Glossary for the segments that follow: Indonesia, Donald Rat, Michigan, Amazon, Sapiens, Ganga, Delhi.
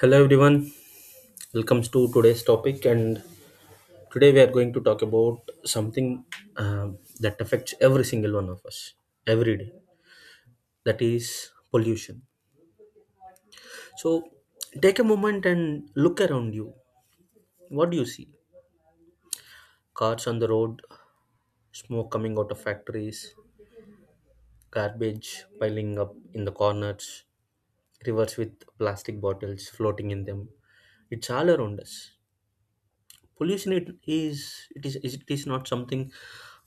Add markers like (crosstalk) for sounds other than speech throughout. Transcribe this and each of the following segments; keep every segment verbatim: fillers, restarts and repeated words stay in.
Hello everyone, welcome to today's topic, and today we are going to talk about something um, that affects every single one of us every day. That is pollution. So take a moment and look around you. What do you see? Cars on the road, smoke coming out of factories, garbage piling up in the corners, rivers with plastic bottles floating in them. It's all around us. Pollution it is it is it is not something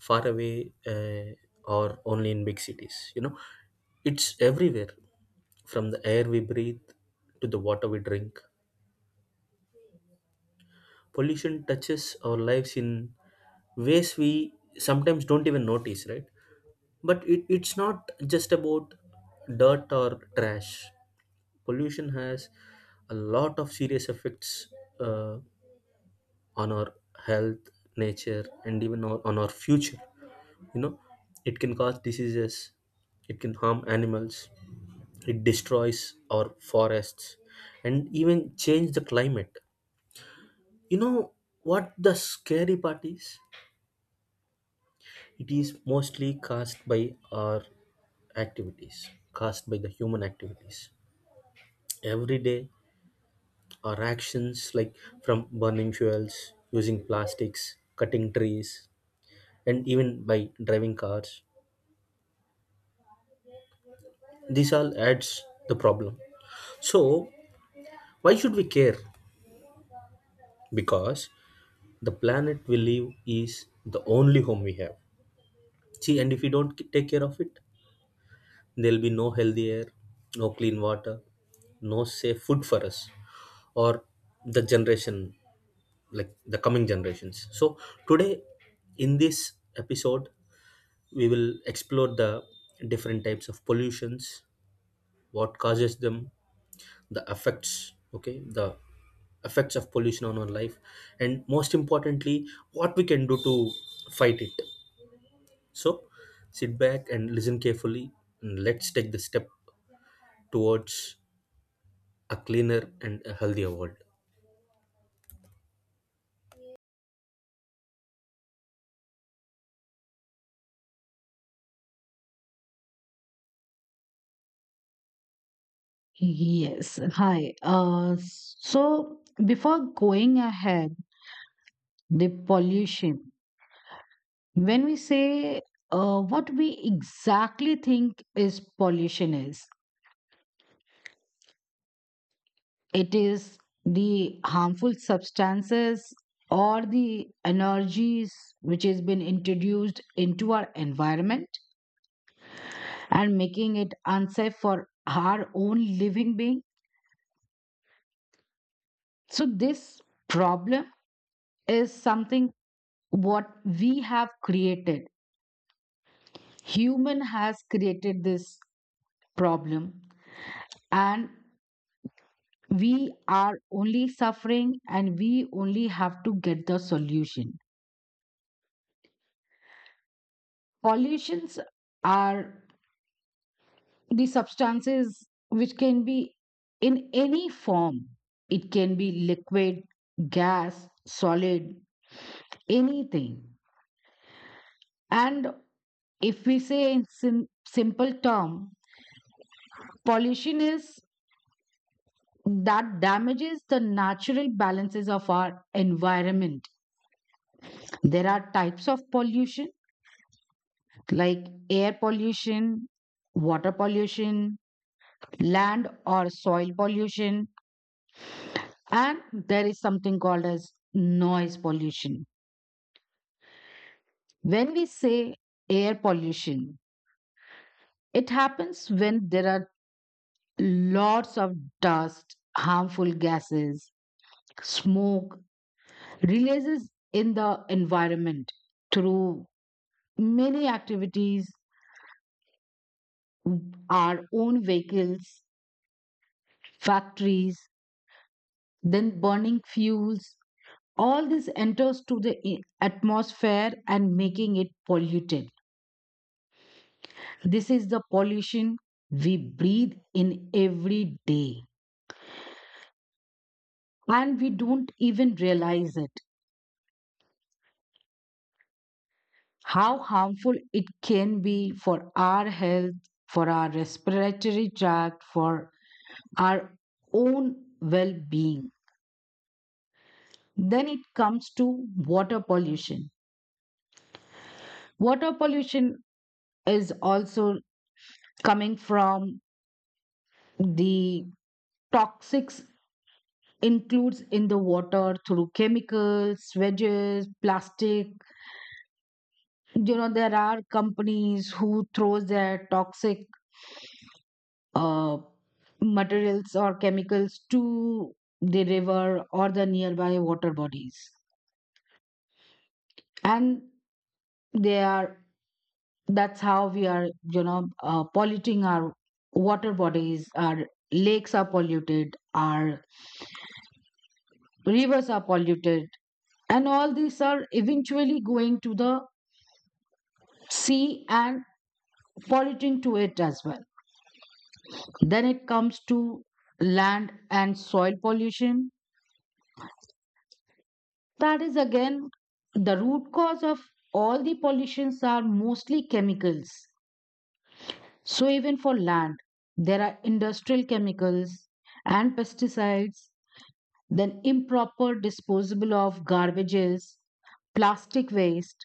far away, uh, or only in big cities. You know it's everywhere, from the air we breathe to the water we drink. Pollution touches our lives in ways we sometimes don't even notice, right? But it, it's not just about dirt or trash. Pollution has a lot of serious effects, uh, on our health, nature, and even our, on our future. You know it can cause diseases, it can harm animals, it destroys our forests, and even change the climate. You know what the scary part is? It is mostly caused by our activities, caused by the human activities. Every day our actions, like from burning fuels, using plastics, cutting trees, and even by driving cars, this all adds the problem. So why should we care? Because the planet we live is the only home we have. See, and if we don't k- take care of it, there'll be no healthy air, no clean water, no safe food for us or the generation, like the coming generations. So today, in this episode, we will explore the different types of pollutions, what causes them, the effects, okay, the effects of pollution on our life, and most importantly, what we can do to fight it. So sit back and listen carefully, and let's take the step towards a cleaner and a healthier world. Yes. Hi. Uh, so before going ahead, the pollution. When we say uh, what we exactly think is pollution is, it is the harmful substances or the energies which has been introduced into our environment and making it unsafe for our own living being. So this problem is something what we have created, human has created this problem, and we are only suffering and we only have to get the solution. Pollutions are the substances which can be in any form. It can be liquid, gas, solid, anything. And if we say in sim- simple term, pollution is that damages the natural balances of our environment. There are types of pollution like air pollution, water pollution, land or soil pollution, and there is something called as noise pollution. When we say air pollution, it happens when there are lots of dust, harmful gases, smoke releases in the environment through many activities, our own vehicles, factories, then burning fuels. All this enters to the i- atmosphere and making it polluted. This is the pollution we breathe in every day, and we don't even realize it. How harmful it can be for our health, for our respiratory tract, for our own well being. Then it comes to water pollution. Water pollution is also coming from the toxics includes in the water through chemicals, wedges, plastic. You know, there are companies who throws their toxic uh, materials or chemicals to the river or the nearby water bodies. And they are, that's how we are, you know uh, polluting our water bodies, our lakes are polluted, our rivers are polluted, and all these are eventually going to the sea and polluting to it as well. Then it comes to land and soil pollution. That is again the root cause of all the pollutions are mostly chemicals. So even for land, there are industrial chemicals and pesticides, then improper disposal of garbages, plastic waste.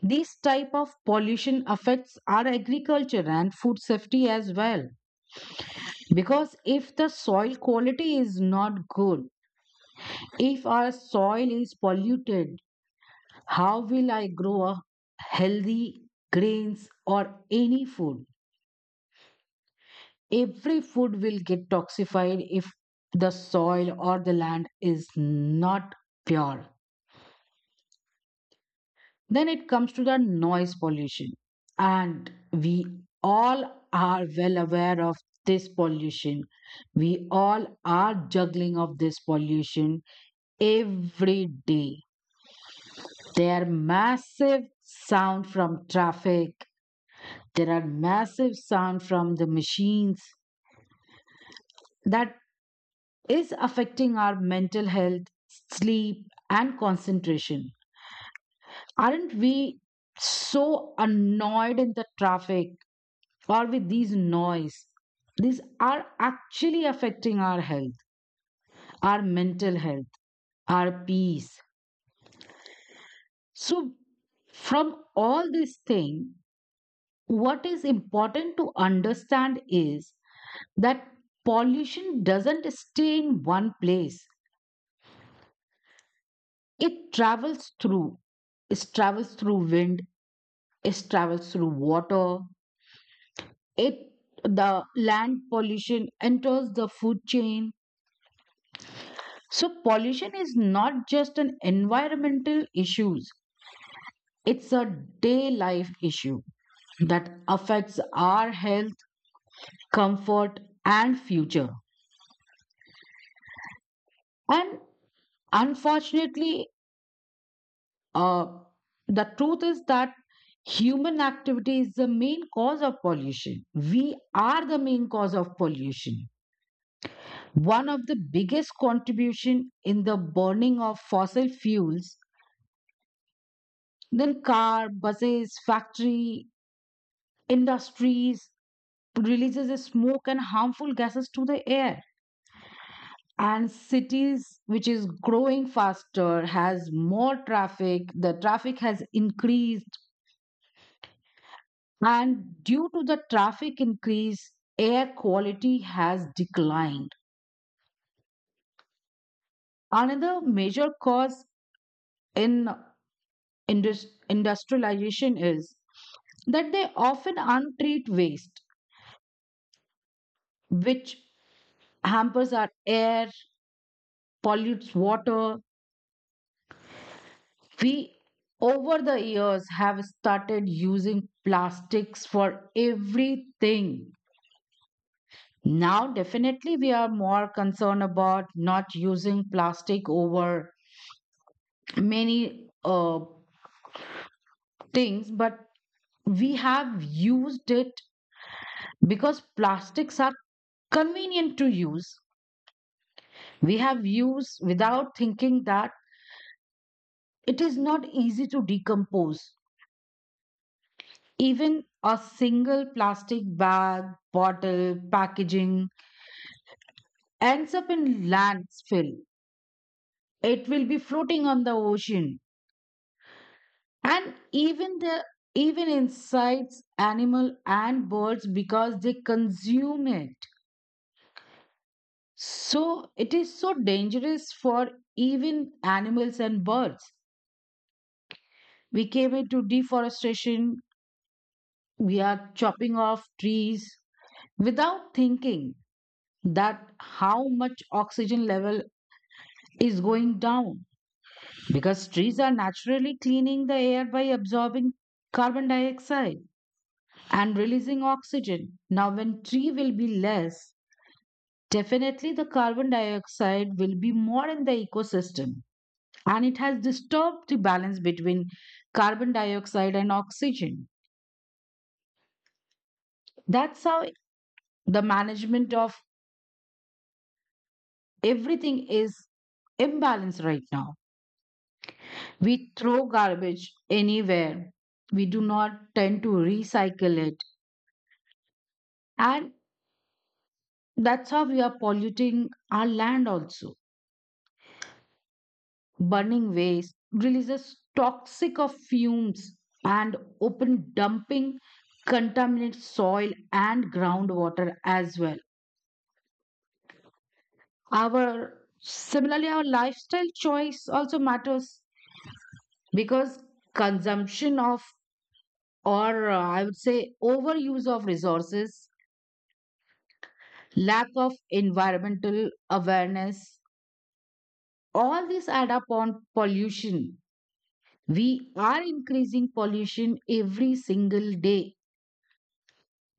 These type of pollution affects our agriculture and food safety as well. Because if the soil quality is not good, if our soil is polluted, how will I grow a healthy grains or any food? Every food will get toxified if the soil or the land is not pure. Then it comes to the noise pollution. And we all are well aware of this pollution. We all are juggling of this pollution every day. There are massive sound from traffic. There are massive sound from the machines that is affecting our mental health, sleep, and concentration. Aren't we so annoyed in the traffic or with these noise? These are actually affecting our health, our mental health, our peace. So, from all this thing, what is important to understand is that pollution doesn't stay in one place. It travels through. It travels through wind. It travels through water. It the land pollution enters the food chain. So pollution is not just an environmental issues, it's a day life issue that affects our health, comfort, and future. And unfortunately, uh, the truth is that human activity is the main cause of pollution. We are the main cause of pollution. One of the biggest contribution in the burning of fossil fuels, then car, buses, factory, industries releases a smoke and harmful gases to the air. And cities, which is growing faster, has more traffic. The traffic has increased, and due to the traffic increase, air quality has declined. Another major cause in indus- industrialization is that they often untreat waste, which hampers our air, pollutes water. We, over the years, have started using plastics for everything. Now, definitely, we are more concerned about not using plastic over many uh, things, but we have used it because plastics are convenient to use. We have used without thinking that it is not easy to decompose. Even a single plastic bag, bottle, packaging ends up in landfill. It will be floating on the ocean. And even the even insects, animal and birds because they consume it. So it is so dangerous for even animals and birds. We came into deforestation, we are chopping off trees without thinking that how much oxygen level is going down, because trees are naturally cleaning the air by absorbing carbon dioxide and releasing oxygen. Now when tree will be less, definitely the carbon dioxide will be more in the ecosystem, and it has disturbed the balance between carbon dioxide and oxygen. That's how the management of everything is imbalanced right now. We throw garbage anywhere. We do not tend to recycle it. And that's how we are polluting our land also. Burning waste releases toxic of fumes, and open dumping contaminates soil and groundwater as well. Our, similarly our lifestyle choice also matters, because consumption of, or uh, I would say overuse of resources, lack of environmental awareness. All these add up on pollution. We are increasing pollution every single day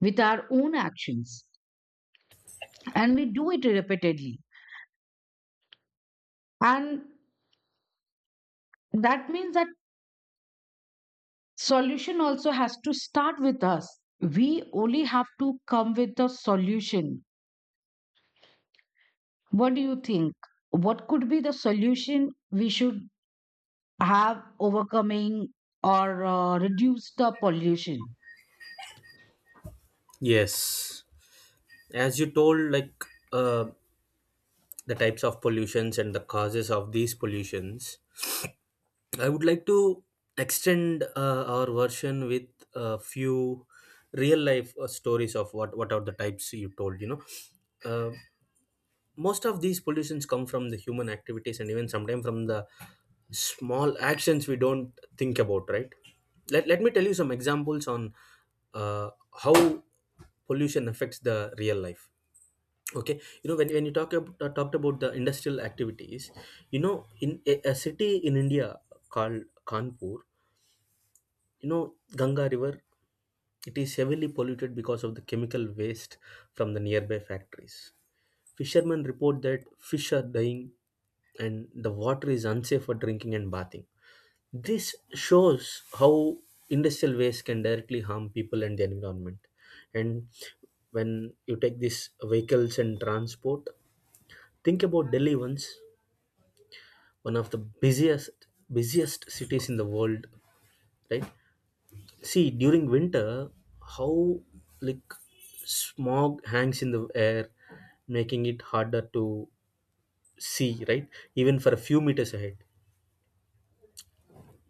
with our own actions, and we do it repeatedly. And that means that solution also has to start with us. We only have to come with the solution. What do you think? What could be the solution we should have overcoming or uh, reduce the pollution? Yes, as you told, like uh, the types of pollutions and the causes of these pollutions, I would like to extend uh, our version with a few real life uh, stories of what what are the types you told. You know, uh, most of these pollutions come from the human activities, and even sometimes from the small actions we don't think about, right? Let, let me tell you some examples on uh, how pollution affects the real life. Okay, you know, when, when you talk about, uh, talked about the industrial activities, you know, in a, a city in India called Kanpur, you know, Ganga river, it is heavily polluted because of the chemical waste from the nearby factories. Fishermen report that fish are dying and the water is unsafe for drinking and bathing. This shows how industrial waste can directly harm people and the environment. And when you take these vehicles and transport, think about Delhi once, one of the busiest busiest cities in the world, right? See, during winter, how, like, smog hangs in the air, making it harder to see, right, even for a few meters ahead.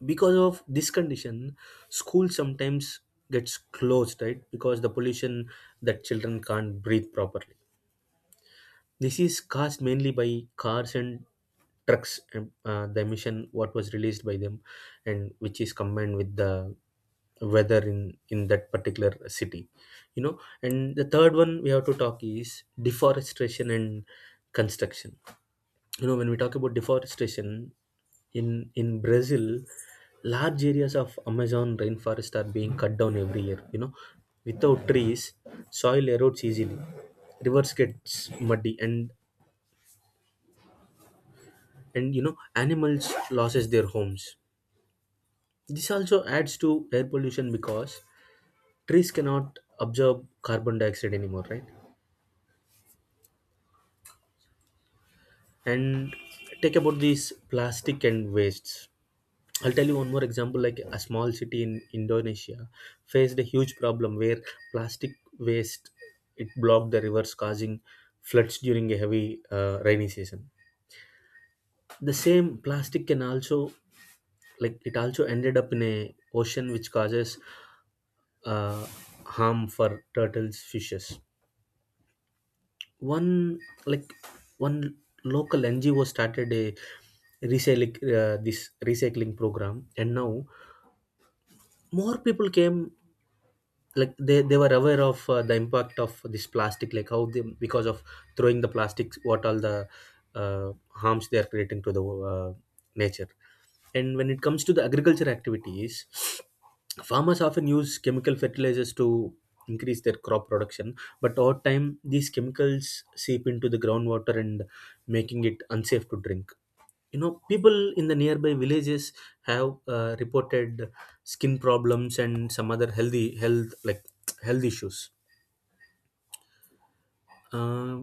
Because of this condition, school sometimes gets closed, right, because the pollution, that children can't breathe properly. This is caused mainly by cars and trucks, um, uh, the emission what was released by them, and which is combined with the weather in in that particular city, you know. And the third one we have to talk is deforestation and construction. You know, when we talk about deforestation, in in Brazil, large areas of Amazon rainforest are being cut down every year, you know. Without trees, soil erodes easily, rivers gets muddy, and and you know, animals loses their homes. This also adds to air pollution because trees cannot absorb carbon dioxide anymore, right? And take about these plastic and wastes, I'll tell you one more example. Like a small city in Indonesia faced a huge problem where plastic waste, it blocked the rivers, causing floods during a heavy uh, rainy season. The same plastic can also, like, it also ended up in a ocean, which causes uh, harm for turtles, fishes. One like one local NGO started a recycling uh, this recycling program, and now more people came, like they, they were aware of uh, the impact of this plastic, like how they, because of throwing the plastics, what all the uh, harms they are creating to the uh, nature. And when it comes to the agriculture activities, (sniffs) farmers often use chemical fertilizers to increase their crop production, but over time these chemicals seep into the groundwater and making it unsafe to drink. You know, people in the nearby villages have uh, reported skin problems and some other healthy health, like (tsk) health issues. uh,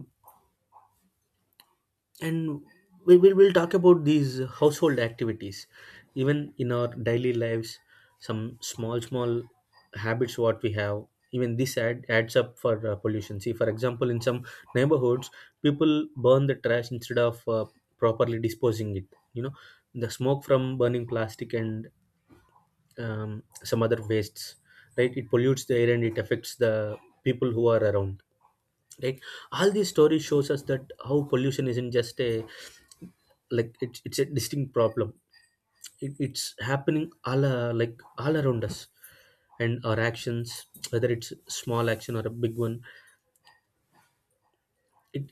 and we will we'll talk about these household activities. Even in our daily lives, some small small habits what we have, even this add, adds up for uh, pollution. See for example, in some neighborhoods, people burn the trash instead of uh, properly disposing it. You know, the smoke from burning plastic and um, some other wastes, right, it pollutes the air, and it affects the people who are around, right. All these stories shows us that how pollution isn't just a, like, it's, it's a distinct problem. It, it's happening all uh, like all around us, and our actions, whether it's small action or a big one, it,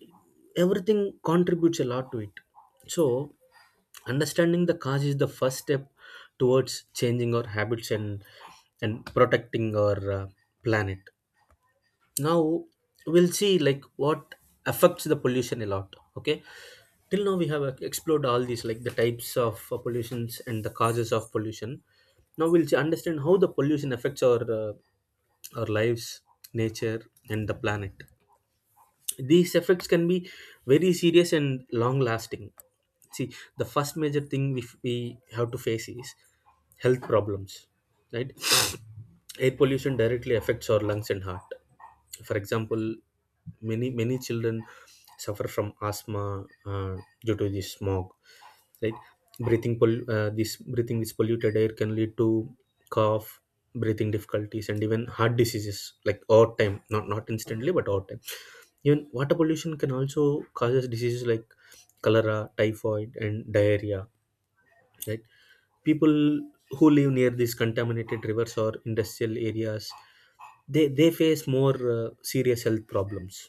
everything contributes a lot to it. So understanding the cause is the first step towards changing our habits, and and protecting our uh, planet. Now we'll see, like, what affects the pollution a lot. Okay, till now we have uh, explored all these, like the types of uh, pollutions and the causes of pollution. Now we'll see- understand how the pollution affects our uh, our lives, nature, and the planet. These effects can be very serious and long lasting. See, the first major thing we, we have to face is health problems, right? Air pollution directly affects our lungs and heart. For example, many many children suffer from asthma uh, due to the smog, right? Breathing pol- uh, this breathing this polluted air can lead to cough, breathing difficulties, and even heart diseases, like over time, not not instantly but over time. Even water pollution can also causes diseases like cholera, typhoid, and diarrhea, right? People who live near these contaminated rivers or industrial areas, they they face more uh, serious health problems.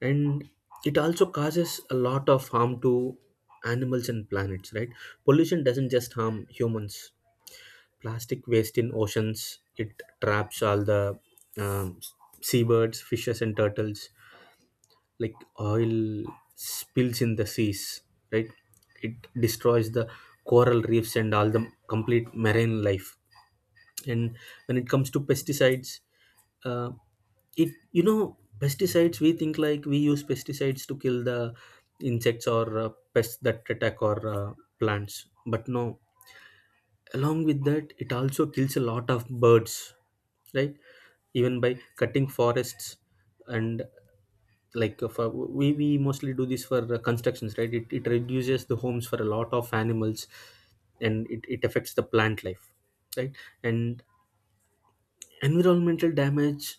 And it also causes a lot of harm to animals and planets, right? Pollution doesn't just harm humans. Plastic waste in oceans, it traps all the um, seabirds, fishes, and turtles. Like oil spills in the seas, right, it destroys the coral reefs and all the complete marine life. And when it comes to pesticides, uh, it, you know, pesticides, we think, like, we use pesticides to kill the insects or uh, pests that attack our uh, plants, but no, along with that, it also kills a lot of birds, right? Even by cutting forests and, like, uh, for, we, we mostly do this for uh, constructions, right? It, it reduces the homes for a lot of animals, and it, it affects the plant life, right? And environmental damage,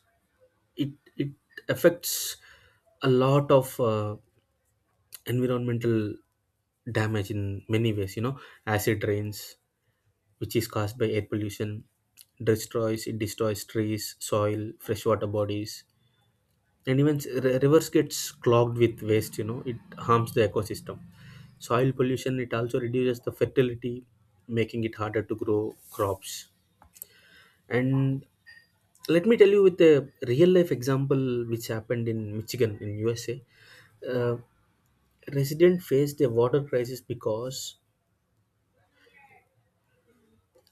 it it affects a lot of uh, environmental damage in many ways, you know. Acid rains, which is caused by air pollution, destroys it destroys trees, soil, freshwater bodies. And even s- r- rivers gets clogged with waste, you know, it harms the ecosystem. Soil pollution, it also reduces the fertility, making it harder to grow crops. And let me tell you with a real life example which happened in Michigan in USA. uh, Resident faced a water crisis because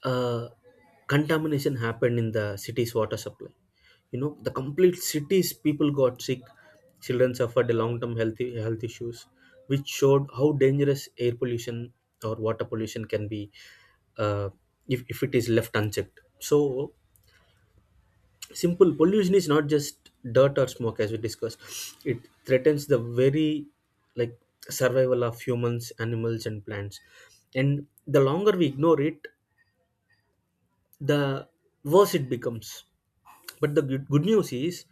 uh, contamination happened in the city's water supply. You know, the complete cities people got sick, children suffered a long term healthy health issues, which showed how dangerous air pollution or water pollution can be, uh, if, if it is left unchecked. So simple pollution is not just dirt or smoke, as we discussed. It threatens the very, like, survival of humans, animals, and plants. And the longer we ignore it, the worse it becomes. But the good, good news is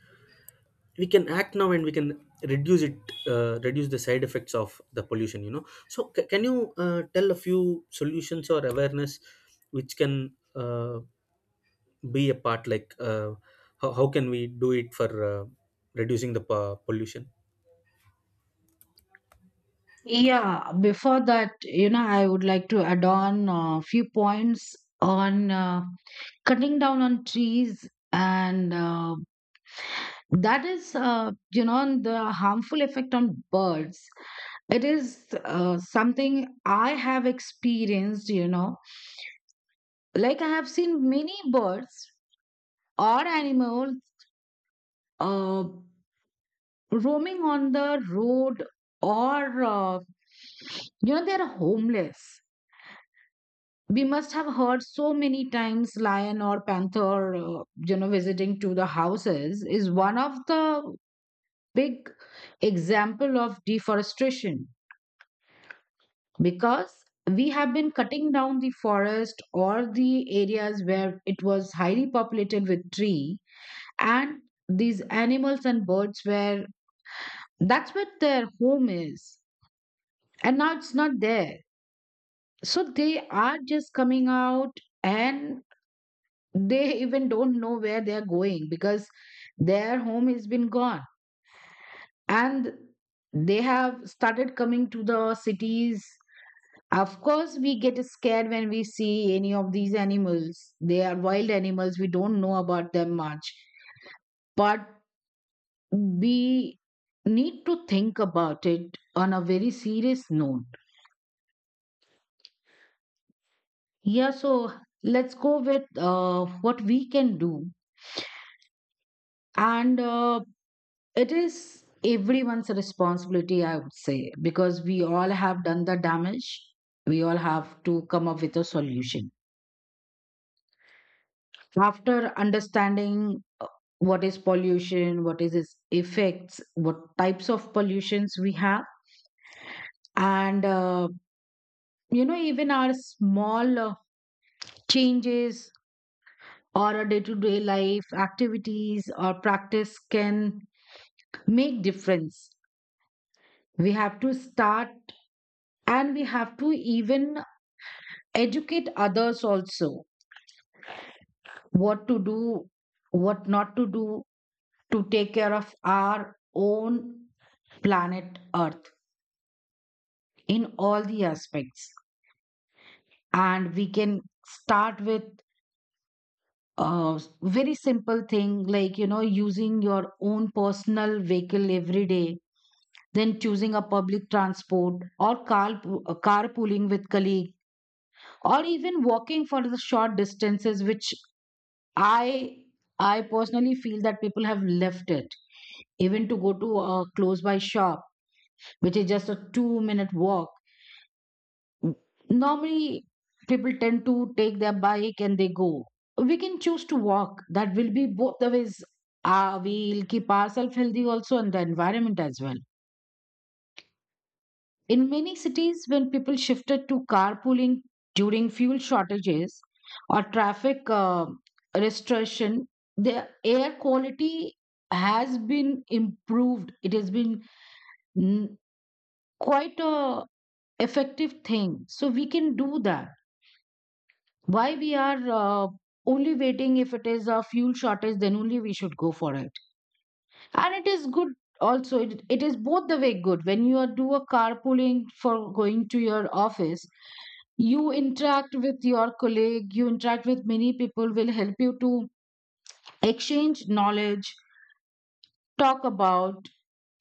we can act now, and we can reduce it, uh, reduce the side effects of the pollution. You know, so c- can you uh, tell a few solutions or awareness which can uh, be a part, like uh, how, how can we do it for uh, reducing the po- pollution? Yeah, before that, you know, I would like to add on a few points on uh, cutting down on trees and uh, that is uh, you know, the harmful effect on birds. It is uh, something I have experienced, you know. Like I have seen many birds or animals uh, roaming on the road, or uh, you know, they are homeless. We must have heard so many times lion or panther uh, you know, visiting to the houses is one of the big example of deforestation. Because we have been cutting down the forest or the areas where it was highly populated with tree, and these animals and birds were, that's what their home is, and now it's not there. So they are just coming out, and they even don't know where they are going, because their home has been gone, and they have started coming to the cities. Of course we get scared when we see any of these animals. They are wild animals, we don't know about them much. But we need to think about it on a very serious note. Yeah, so let's go with uh, what we can do. And uh, it is everyone's responsibility, I would say, because we all have done the damage. We all have to come up with a solution. After understanding uh, what is pollution, what is its effects, what types of pollutions we have, and uh, you know, even our small uh, changes or a day-to-day life activities or practice can make difference. We have to start, and we have to even educate others also what to do, what not to do, to take care of our own planet Earth in all the aspects. And we can start with a very simple thing like, you know, using your own personal vehicle every day, then choosing a public transport or car, carpooling with colleague, or even walking for the short distances, which I I personally feel that people have left it, even to go to a close by shop, which is just a two minute walk. Normally, people tend to take their bike and they go. We can choose to walk. That will be both the ways. Uh, we'll keep ourselves healthy also and the environment as well. In many cities, when people shifted to carpooling during fuel shortages or traffic uh, restriction, the air quality has been improved. It has been mm, quite a effective thing. So we can do that. Why we are uh, only waiting? If it is a fuel shortage, then only we should go for it. And it is good also. It, it is both the way good. When you are do a carpooling for going to your office, you interact with your colleague, you interact with many people, will help you to exchange knowledge, talk about,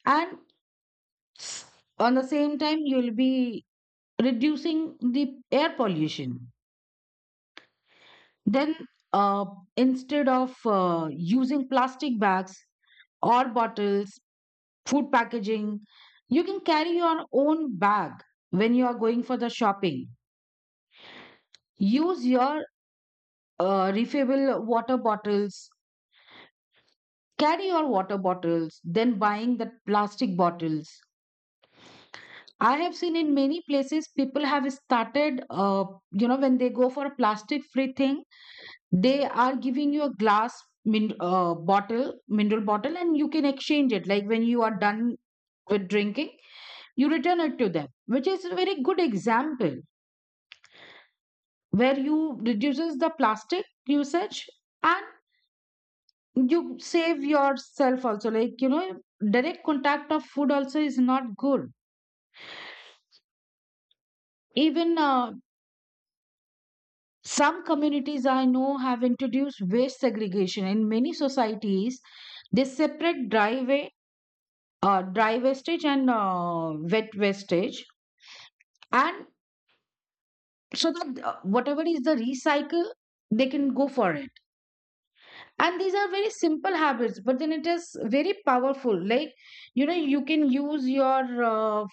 and s- on the same time you'll be reducing the air pollution. Then uh, instead of uh, using plastic bags or bottles, food packaging, you can carry your own bag when you are going for the shopping. Use your uh, refillable water bottles. Carry your water bottles, then buying the plastic bottles. I have seen in many places people have started, uh, you know, when they go for a plastic free thing, they are giving you a glass min- uh, bottle, mineral bottle, and you can exchange it. Like when you are done with drinking, you return it to them, which is a very good example where you reduces the plastic usage, and you save yourself also. Like, you know, direct contact of food also is not good. Even uh, some communities I know have introduced waste segregation. In many societies, they separate dry, wa- uh, dry wastage and uh, wet wastage, and so that uh, whatever is the recycle, they can go for it. And these are very simple habits, but then it is very powerful. Like you know, you can use your uh,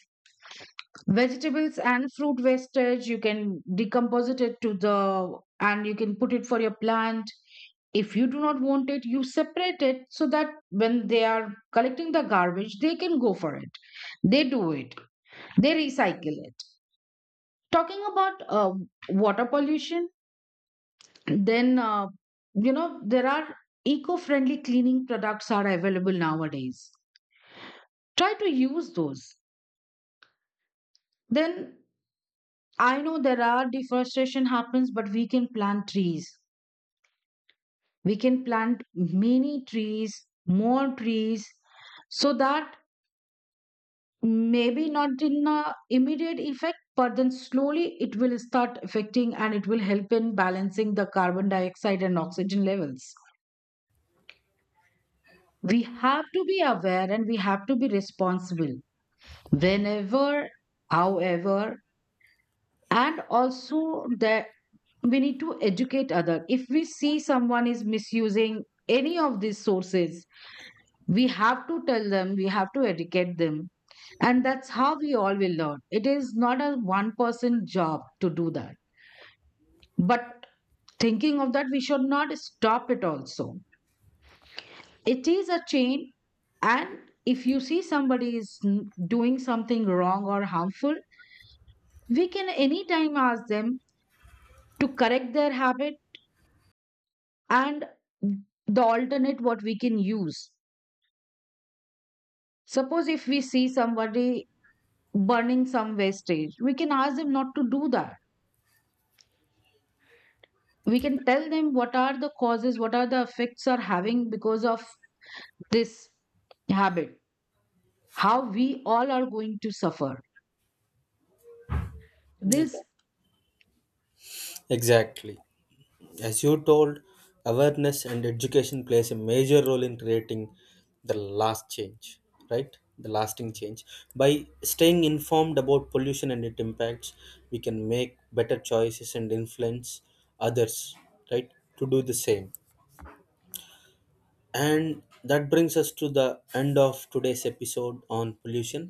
vegetables and fruit wastage, you can decompose it to the and you can put it for your plant. If you do not want it, you separate it, so that when they are collecting the garbage, they can go for it, they do it, they recycle it. Talking about uh, water pollution, then uh, you know, there are eco-friendly cleaning products are available nowadays. Try to use those. Then I know there are deforestation happens, but we can plant trees. We can plant many trees, more trees, so that maybe not in a immediate effect, but then slowly it will start affecting and it will help in balancing the carbon dioxide and oxygen levels. We have to be aware and we have to be responsible, whenever, however, and also that we need to educate other. If we see someone is misusing any of these sources, we have to tell them, we have to educate them. And that's how we all will learn. It is not a one person job to do that. But thinking of that, we should not stop it also. It is a chain. And if you see somebody is n- doing something wrong or harmful, we can anytime ask them to correct their habit and the alternate what we can use. Suppose if we see somebody burning some wastage, we can ask them not to do that. We can tell them what are the causes, what are the effects are having because of this habit, how we all are going to suffer Ex- this. Exactly. As you told, awareness and education plays a major role in creating the last change, right? The lasting change. By staying informed about pollution and its impacts, we can make better choices and influence others, right? To do the same. And that brings us to the end of today's episode on pollution.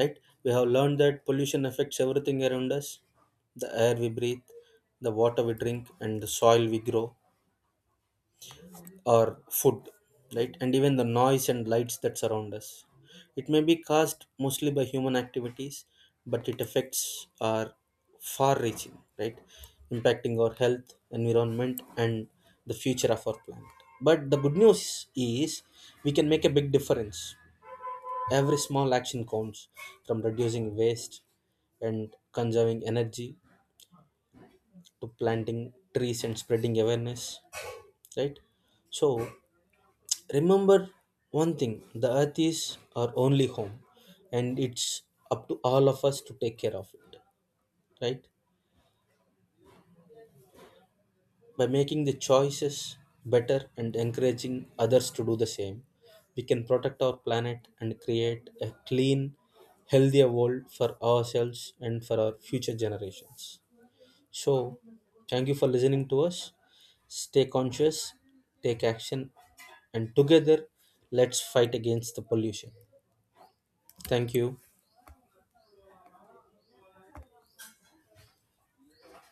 Right, we have learned that pollution affects everything around us: the air we breathe, the water we drink, and the soil we grow or food, right? And even the noise and lights that surround us. It may be caused mostly by human activities, but it affects are far reaching, right, impacting our health, environment, and the future of our planet. But the good news is we can make a big difference. Every small action counts, from reducing waste and conserving energy to planting trees and spreading awareness, right? So remember one thing, the earth is our only home, and it's up to all of us to take care of it, right? By making the choices better and encouraging others to do the same, we can protect our planet and create a clean, healthier world for ourselves and for our future generations. So thank you for listening to us. Stay conscious, take action, and together let's fight against the pollution. Thank you.